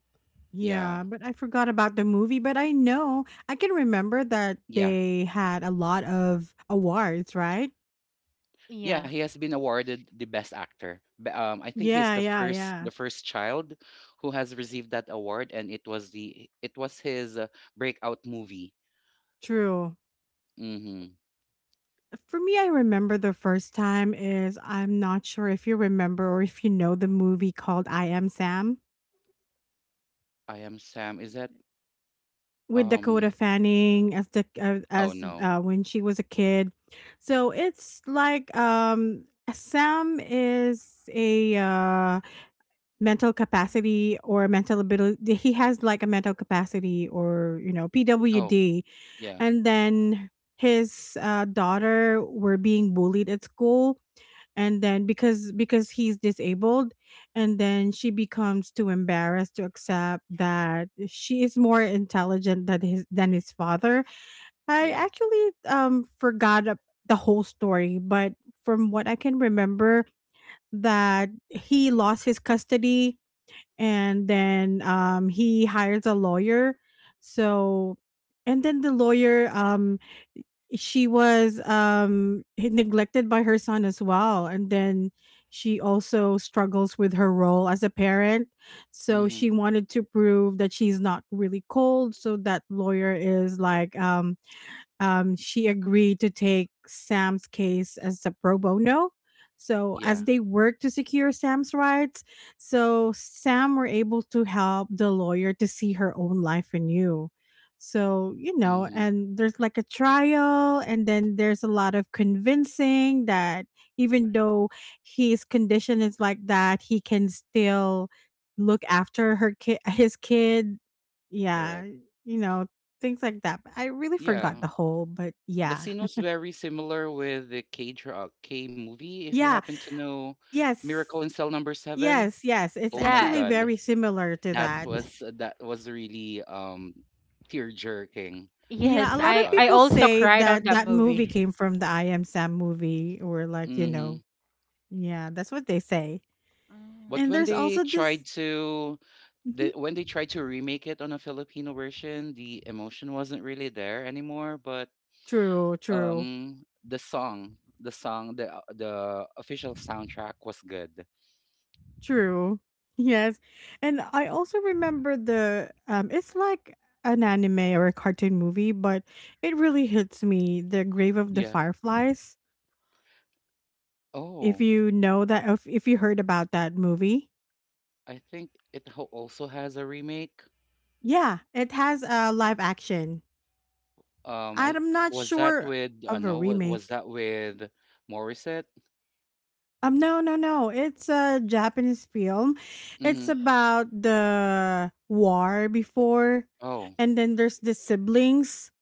Yeah,
Yeah, but I forgot about the movie, but I know I can remember that
yeah.
they had a lot of awards, right?
Yeah,
Yeah,
he has been awarded the best actor. I think he's
Yeah,
the
yeah,
first,
yeah.
the first child who has received that award, and it was, the it was his breakout movie.
True.
Mhm.
For me, I remember the first time is I'm not sure if you remember or if you know the movie called I Am Sam
I am Sam. Is that
with Dakota
um
Fanning as the
oh
as
no.
when she was a kid. So it's like Sam is a, mental capacity or mental ability. He has like a mental capacity or
Oh,
PWD,
yeah.
and then his daughter were being bullied at school, and then because he's disabled, and then she becomes too embarrassed to accept that she is more intelligent than his father. I
Yeah.
actually forgot the whole story but from what I can remember that he lost his custody, and then he hires a lawyer, so and then the lawyer, she was neglected by her son as well, and then she also struggles with her role as a parent, so
Mhm.
she wanted to prove that she's not really cold, so that lawyer is like she agreed to take Sam's case as a pro bono. So,
Yeah.
as they worked to secure Sam's rights, so Sam were able to help the lawyer to see her own life anew. So,
Mhm.
and there's like a trial, and then there's a lot of convincing that even though his condition is like that, he can still look after her kid, his kid, yeah,
Correct.
you know, things like that. But I really forgot
Yeah.
the whole, but
The
yeah.
scene was very similar with the K dra K movie if you
Yeah.
happen to know Miracle
Yes.
in Cell Number 7.
Yes, yes. It's
Oh my
yeah.
actually
God.
very similar to
That
that.
was, that was really tear-jerking.
Yes,
Yeah, a
My
lot
i
of
God.
i
people
also
say
cried on
that
that
that movie
movie.
came from the I Am Sam movie or like,
Mhm.
yeah, that's what they say.
But
And
Mm.
when
there's
they
also
tried
this.
to, the
Mhm.
when they tried to remake it on a Filipino version, the emotion wasn't really there anymore, but
True, true.
the song, the song, the official soundtrack was good.
True. Yes. And I also remember the it's like an anime or a cartoon movie, but it really hits me, The Grave of the
Yeah.
Fireflies. If
Oh,
you know that, if you heard about that movie.
I think it also has a remake.
Yeah, it has a live action.
I,
I'm not
was that
sure
with, I
of a
know, what was
remake.
that with Morissette?
No, no, no. It's a Japanese film. It's
Mhm.
about the war before
Oh.
and then there's the siblings.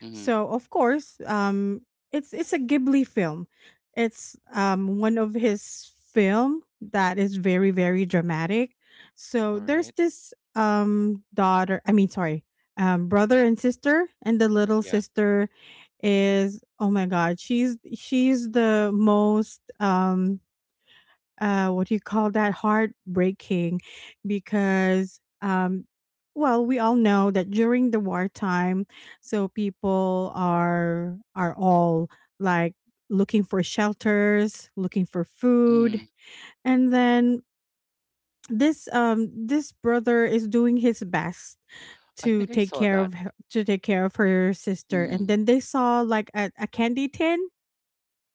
Mhm.
So of course, it's a Ghibli film. It's one of his film that is very very dramatic.
All
So there's
right.
this daughter. I mean, sorry, brother and sister, and the little
Yeah.
sister is, oh my god, she's the most what do you call that, heartbreaking, because well, we all know that during the wartime, so people are all, like, looking for shelters, looking for food.
Mhm.
And then this brother is doing his best
I
to
think I
take
saw
care
that.
of her, to take care of her sister, and
Mhm.
then they saw like a candy tin.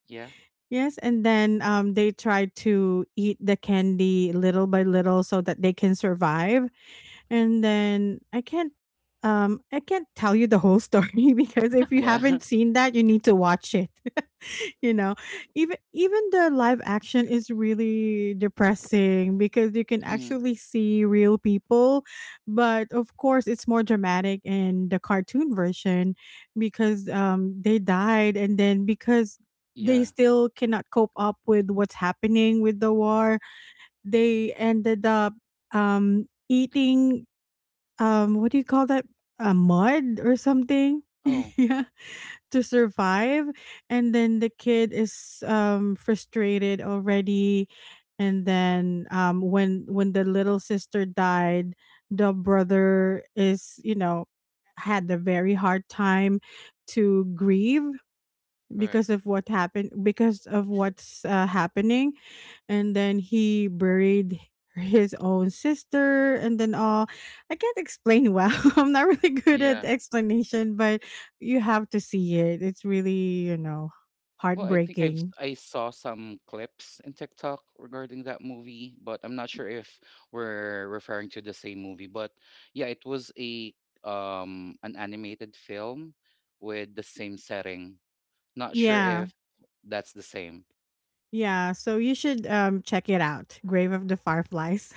Yeah.
Yes, and then they try to eat the candy little by little so that they can survive. And then I can't tell you the whole story, because if you
Yeah.
haven't seen that, you need to watch it you know even the live action is really depressing because you can
mhm.
actually see real people, but of course it's more dramatic in the cartoon version, because they died, and then because they
Yeah.
still cannot cope up with what's happening with the war, they ended up eating what do you call that, a mud or something.
Oh,
Yeah, to survive. And then the kid is frustrated already. And then when the little sister died, the brother is, had a very hard time to grieve
correct.
because of what happened, because of what's happening. And then he buried his own sister, and then all, I can't explain well. I'm not really good at
Yeah.
explanation, but you have to see it. It's really,
Well, I think I've s-
heartbreaking.
I have I saw some clips in TikTok regarding that movie, but I'm not sure if we're referring to the same movie. But yeah, it was a an animated film with the same setting. Not sure
Yeah,
if that's the same.
yeah, so you should check it out. Grave of the Fireflies.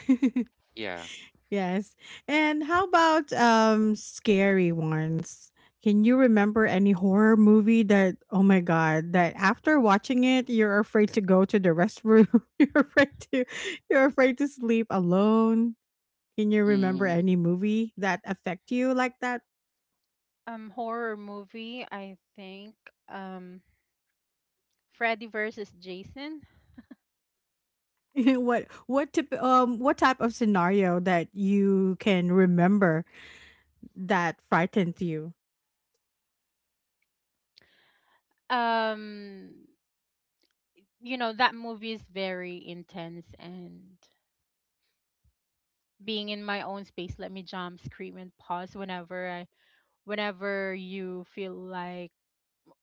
Yeah.
Yes. And how about scary ones? Can you remember any horror movie that, oh my god, that after watching it you're afraid to go to the restroom, you're afraid to you're afraid to sleep alone? Can you remember
Mm-hmm.
any movie that affect you like that?
Horror movie, I think. Um, Freddy versus Jason.
What type of scenario that you can remember that frightens you?
Um, you know, that movie is very intense, and being in my own space let me jump, scream and pause whenever I whenever you feel like,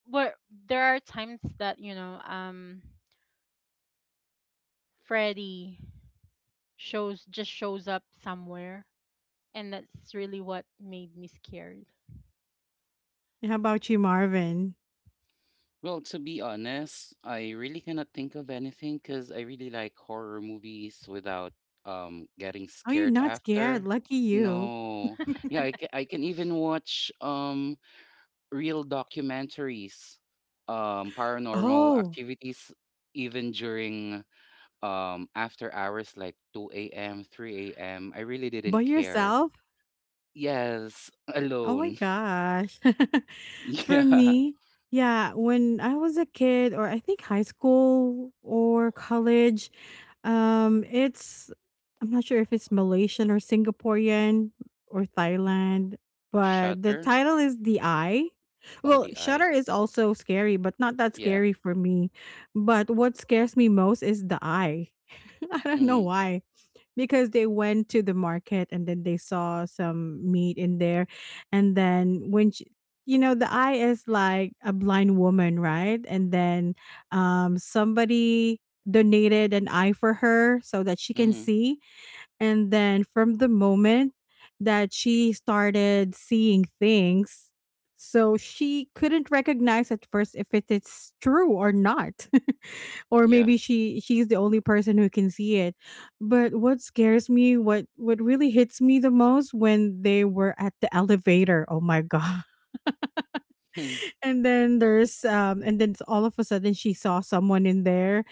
but there are times that, you know, um, Freddy shows just shows up somewhere, and that's really what made me scared.
How about you, Marvin?
Well, to be honest, I really cannot think of anything because I really like horror movies without getting
Are you
scared
not scared?
after.
Lucky you.
No. Yeah, I can even watch real documentaries, paranormal
Oh,
activities even during after hours like 2 a.m., 3 a.m. I really
by
didn't care.
yourself?
Yes,
Oh my
alone.
gosh. For
Yeah.
me, yeah, when I was a kid, or I think high school or college, it's I'm not sure if it's Malaysian or Singaporean or Thailand, but the
Shutter.
title is The Eye.
Oh,
Well,
the eye.
Shutter is also scary, but not that
Yeah.
scary for me. But what scares me most is The Eye. I don't know
Mm,
why, because they went to the market and then they saw some meat in there, and then when she, you know, the eye is like a blind woman, right, and then somebody donated an eye for her so that she can
mm-hmm.
see. And then from the moment that she started seeing things, so she couldn't recognize at first if it is true or not, or
Yeah.
maybe she's the only person who can see it. But what scares me, what really hits me the most, when they were at the elevator, oh my god,
Hmm,
and then there's and then all of a sudden she saw someone in there.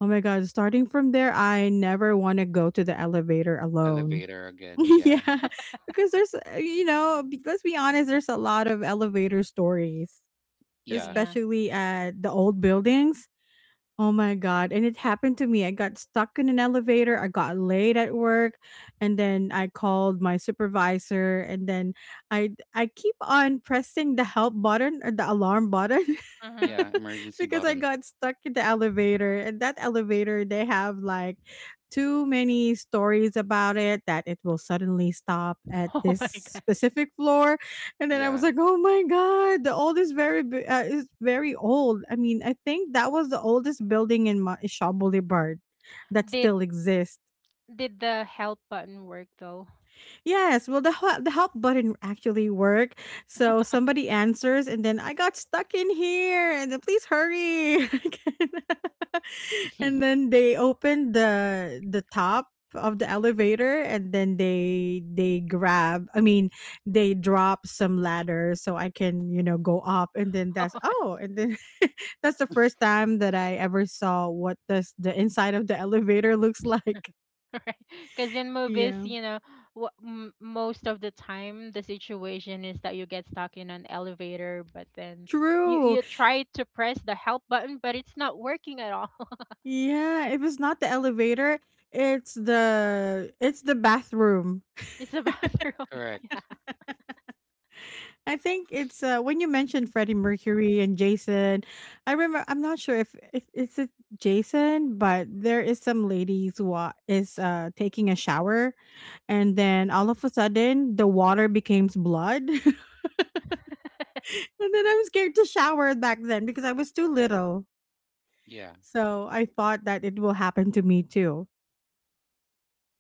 Oh my god, starting from there I never want to go to the elevator alone.
elevator again. Yeah.
Yeah, because there's let's be honest, there's a lot of elevator stories,
Yeah.
Yeah.
especially at the old buildings. Oh my god, and it happened to me. I got stuck in an elevator, I got late at work, and then I called my supervisor, and then I I keep on pressing the help button or the alarm button,
Mm-hmm.
Yeah. Emergency
because I
button.
got stuck in the elevator. And that elevator, they have like too many stories about it that it will suddenly stop at
Oh
this
my god.
specific floor. And then I was
Yeah.
like, "Oh my god, the oldest is very old." I mean, I think that was the oldest building in Shaw Boulevard that still
Did
exists.
Did the help button work though?
Yes, well, the help button actually worked. So somebody answers, and then I got stuck in here, and then please hurry. I can't- and then they opened the top of the elevator, and then they grab. I mean, they drop some ladders so I can, go up, and then that's, oh, and then that's the first time that I ever saw what does the inside of the elevator looks like.
Right. Because in movies,
Yeah.
you know, most of the time the situation is that you get stuck in an elevator, but then you
True.
try to press the help button, but it's not working at all.
Yeah, if it's not the elevator, it's the bathroom.
It's a bathroom. Yeah.
Correct.
I think it's when you mentioned Freddie Mercury and Jason. I remember, I'm not sure if it's it Jason, but there is some ladies who wa- is taking a shower, and then all of a sudden the water becomes blood, and then I was scared to shower back then because I was too little.
Yeah.
So I thought that it will happen to me too.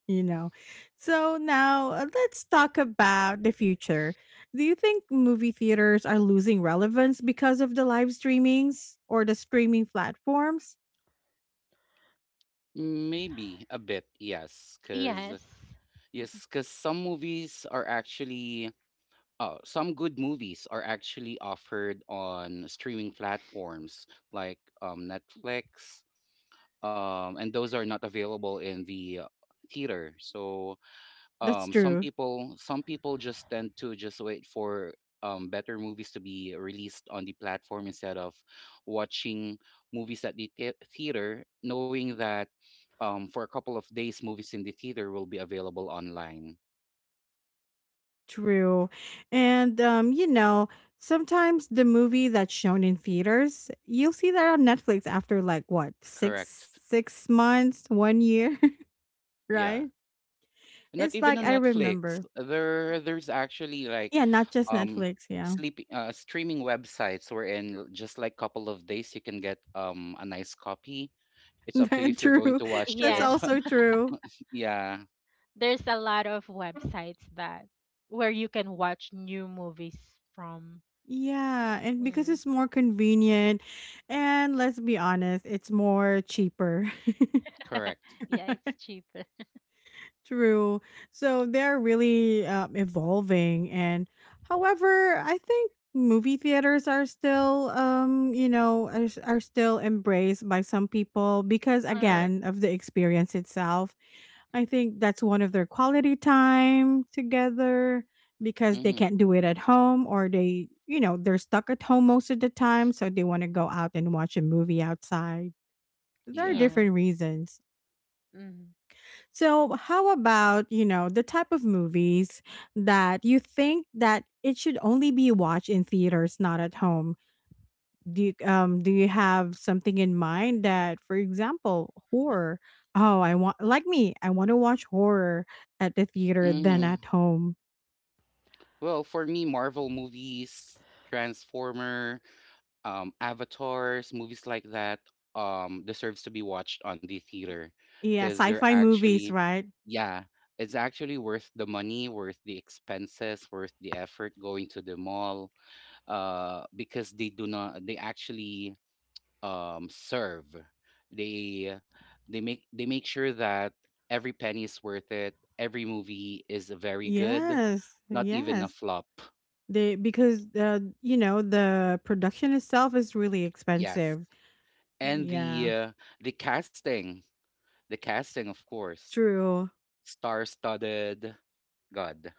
you know. So now let's talk about the future. Do you think movie theaters are losing relevance because of the live streamings or the streaming platforms?
Maybe a bit. Yes. Cause
Yes.
yes, cause some movies are actually, oh, some good movies are actually offered on streaming platforms like Netflix. And those are not available in the theater. So
That's
some
true.
people, some people just tend to just wait for better movies to be released on the platform instead of watching movies at the theater, knowing that for a couple of days movies in the theater will be available online.
True. And sometimes the movie that's shown in theaters, you'll see that on Netflix after, like, what? 6
Correct.
6 months, 1 year,
Yeah,
right?
not
It's
even
like,
on
I
Netflix,
remember.
there, there's actually like
Yeah, not just
um
Netflix, yeah.
sleep streaming websites wherein just like couple of days you can get a nice copy. It's up to you if you're going to
True.
watch
That's
it.
Yes.
also true.
Yeah,
There's a lot of websites that where you can watch new movies from.
Yeah, and because
Mm.
it's more convenient, and let's be honest, it's more cheaper.
correct,
Yeah, it's cheaper.
True. So they're really evolving, and however, I think movie theaters are still are still embraced by some people because
correct.
Mm,
again of the experience itself. I think that's one of their quality time together because they
Mm-hmm.
can't do it at home, or they, they're stuck at home most of the time. So they want to go out and watch a movie outside. There are
Yeah.
yeah.
different reasons.
Mm.
So, how about, the type of movies that you think that it should only be watched in theaters, not at home? Do you have something in mind, that, for example, horror, oh, I want, like me I want to watch horror at the theater than
Mm-hmm.
at home.
Well, for me, Marvel movies, Transformer, Avatars, movies like that, deserves to be watched on the theater
Yeah,
because they're
sci-fi movies,
actually,
right?
yeah, it's actually worth the money, worth the expenses, worth the effort going to the mall, because they do not, they actually serve. They, they make sure that every penny is worth it. Every movie is very good,
Yes,
not even a
yes,
flop.
they because the production itself is really
Yes,
expensive.
and
Yeah,
the casting, the casting of course,
true.
star-studded. God.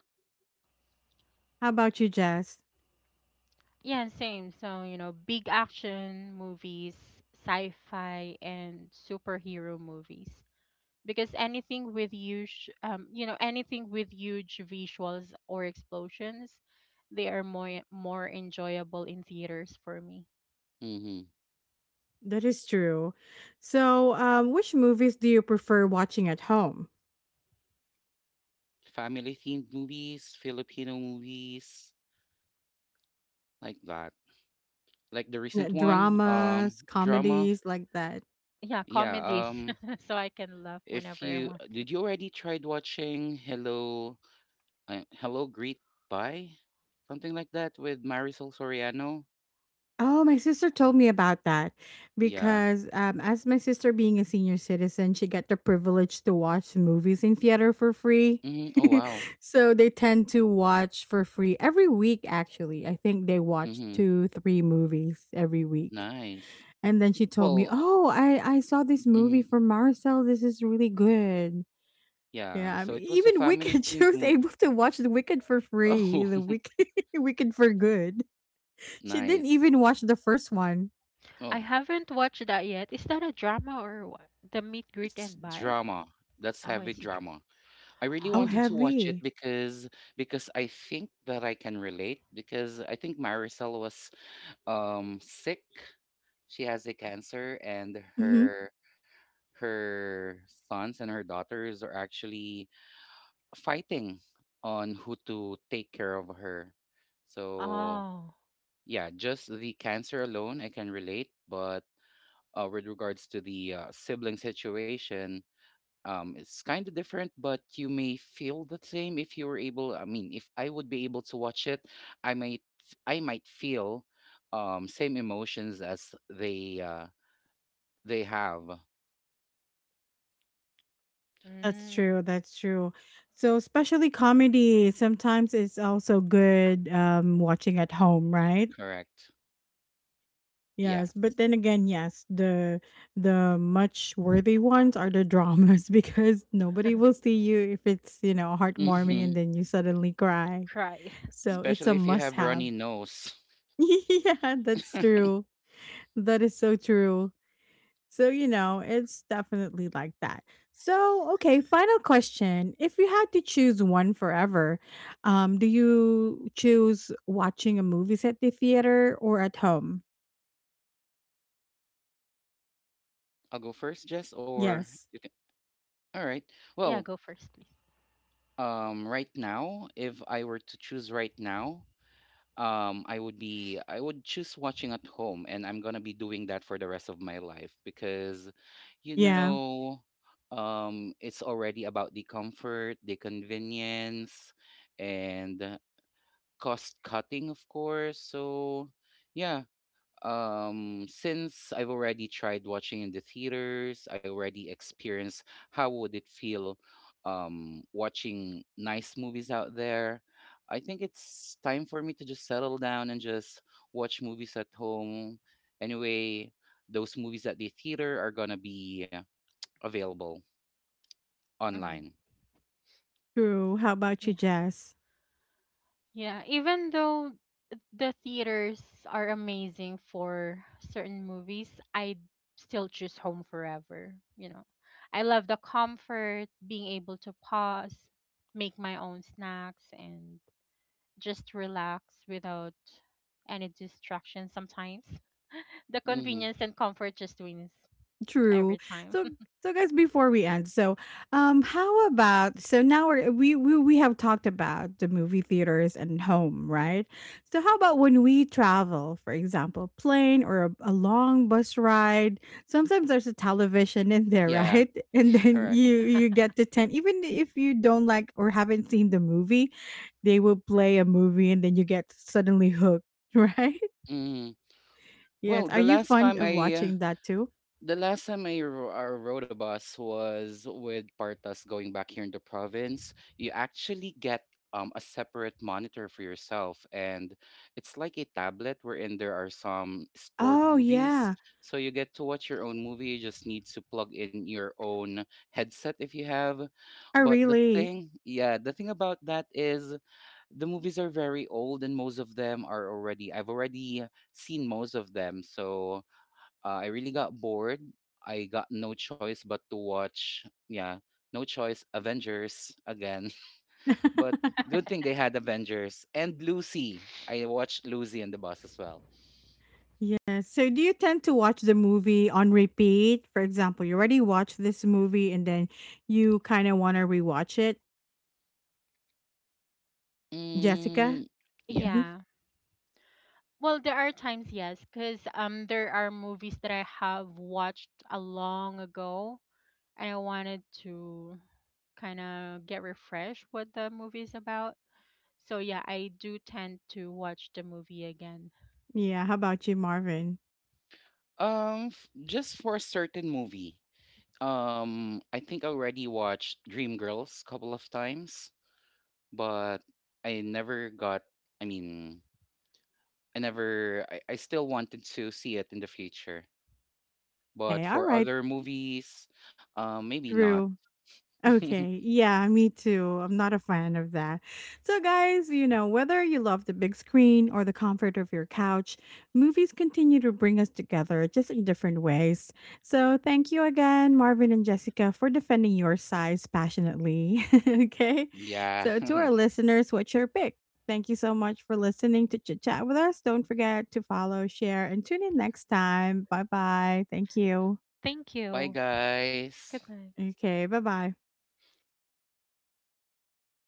How about you, Jess?
Yeah, same. So, you know, big action movies, sci-fi, and superhero movies. Because anything with huge, you know, anything with huge visuals or explosions, they are more enjoyable in theaters for me.
Mm-hmm.
That is true. So which movies do you prefer watching at home?
Family themed movies, Filipino movies, like that. Like the recent one,
Dramas,
drama.
comedies, like that.
Yeah,
Yeah,
comedies, so I can laugh
if
whenever I
you,
want.
did you already tried watching Hello Hello Greet Bye, something like that with Marisol Soriano.
Oh, my sister told me about that,
Yeah.
because, as my sister being a senior citizen, she got the privilege to watch movies in theater for free.
Oh wow.
So they tend to watch for free every week, actually. I think they watch
hmm
two, three movies every week.
Nice.
And then she told me,
Well,
"Oh, I saw this movie
hmm
from Marcel. This is really good."
yeah.
Yeah, I
So
mean,
it was a
even
family
Wicked, she
themed
was
movie.
able to watch the Wicked for free,
Oh,
the Wicked, Wicked for Good. She didn't
nice.
even watch the first one.
I
Oh,
haven't watched that yet. Is that a drama or what? The Meet, Greet,
it's
and Buy?
drama. That's
Oh,
heavy
it's a
drama. I really
Oh,
drama.
wanted to watch it
heavy.
because I think that I can relate because I think Marisol was sick. She has a cancer, and
Mhm.
her, her sons and her daughters are actually fighting on who to take care of her. So,
Oh.
yeah, just the cancer alone, I can relate. But with regards to the sibling situation, it's kind of different, but you may feel the same if you were able. I mean, if I would be able to watch it, I might, I might feel same emotions as they have.
That's
Mm,
true, that's true. So, especially comedy, sometimes it's also good watching at home, right?
Correct.
Yes,
Yes.
but then again, yes, the much worthy ones are the dramas, because nobody will see you if it's, heartwarming, and then you suddenly cry.
try.
So, it's a
Especially if you
must
have
have.
runny nose.
Yeah, that's true. That is so true. So, it's definitely like that. So, okay, final question. If you had to choose one forever, do you choose watching a movie at the theater or at home?
I'll go first, Jess, or
Yes.
all right.
Yeah,
Well,
go first, please.
right now, if I were to choose right now, I would be, I would choose watching at home, and I'm gonna be doing that for the rest of my life because, you
Yeah,
know, it's already about the comfort, the convenience, and cost cutting, of course. So, yeah, since I've already tried watching in the theaters, I already experienced how would it feel watching nice movies out there. I think it's time for me to just settle down and just watch movies at home. Anyway, those movies at the theater are gonna be available
Mm.
online.
true. How about you,
Yeah.
Jess?
Yeah, even though the theaters are amazing for certain movies, I still choose home forever, you know. I love the comfort, being able to pause, make my own snacks and just relax without any distraction. Sometimes. The
Mm-hmm.
convenience and comfort just wins
True.
every time.
So so, guys, before we end, so how about, so now we're, we have talked about the movie theaters and home, right? So how about when we travel? For example, plane, or a long bus ride? Sometimes there's a television in there,
Yeah,
right? And then
correct.
you
Yeah.
you get to tent even if you don't like or haven't seen the movie, they will play a movie and then you get suddenly hooked, right?
Mm-hmm.
Yes.
Well,
Are you fond of watching that too?
the last time I, I rode a bus was with Partas going back here in the province. You actually get a separate monitor for yourself, and it's like a tablet wherein there are some stored
Oh
movies.
yeah.
So you get to watch your own movie. You just need to plug in your own headset if you have.
Oh,
But the
really?
thing, yeah, the thing about that is the movies are very old, and most of them are already, I've already seen most of them. So I really got bored. I got no choice but to watch, yeah, no choice, Avengers again. But good thing they had Avengers and Lucy. I watched Lucy and the bus as well.
Yeah. So do you tend to watch the movie on repeat? For example, you already watched this movie, and then you kind of want to rewatch it, Jessica?
Mm, yeah.
Hmm.
Yeah. Well, there are times, yes, because there are movies that I have watched a long ago, and I wanted to kind of get refreshed what the movie is about. So yeah, I do tend to watch the movie again.
Yeah. How about you, Marvin?
Just for a certain movie. I think I already watched Dreamgirls a couple of times, but I never got. I mean, I never, I still wanted to see it in the future. But
Okay. All
for
right.
other movies, maybe not.
True. Okay. Yeah, me too. I'm not a fan of that. So, guys, whether you love the big screen or the comfort of your couch, movies continue to bring us together just in different ways. So, thank you again, Marvin and Jessica, for defending your size passionately. Okay.
Yeah.
So, to our listeners, what's your pick? Thank you so much for listening to Chit Chat with us. Don't forget to follow, share, and tune in next time. Bye bye. Thank you.
Thank
Bye,
you.
guys.
Goodbye.
Okay. Bye bye.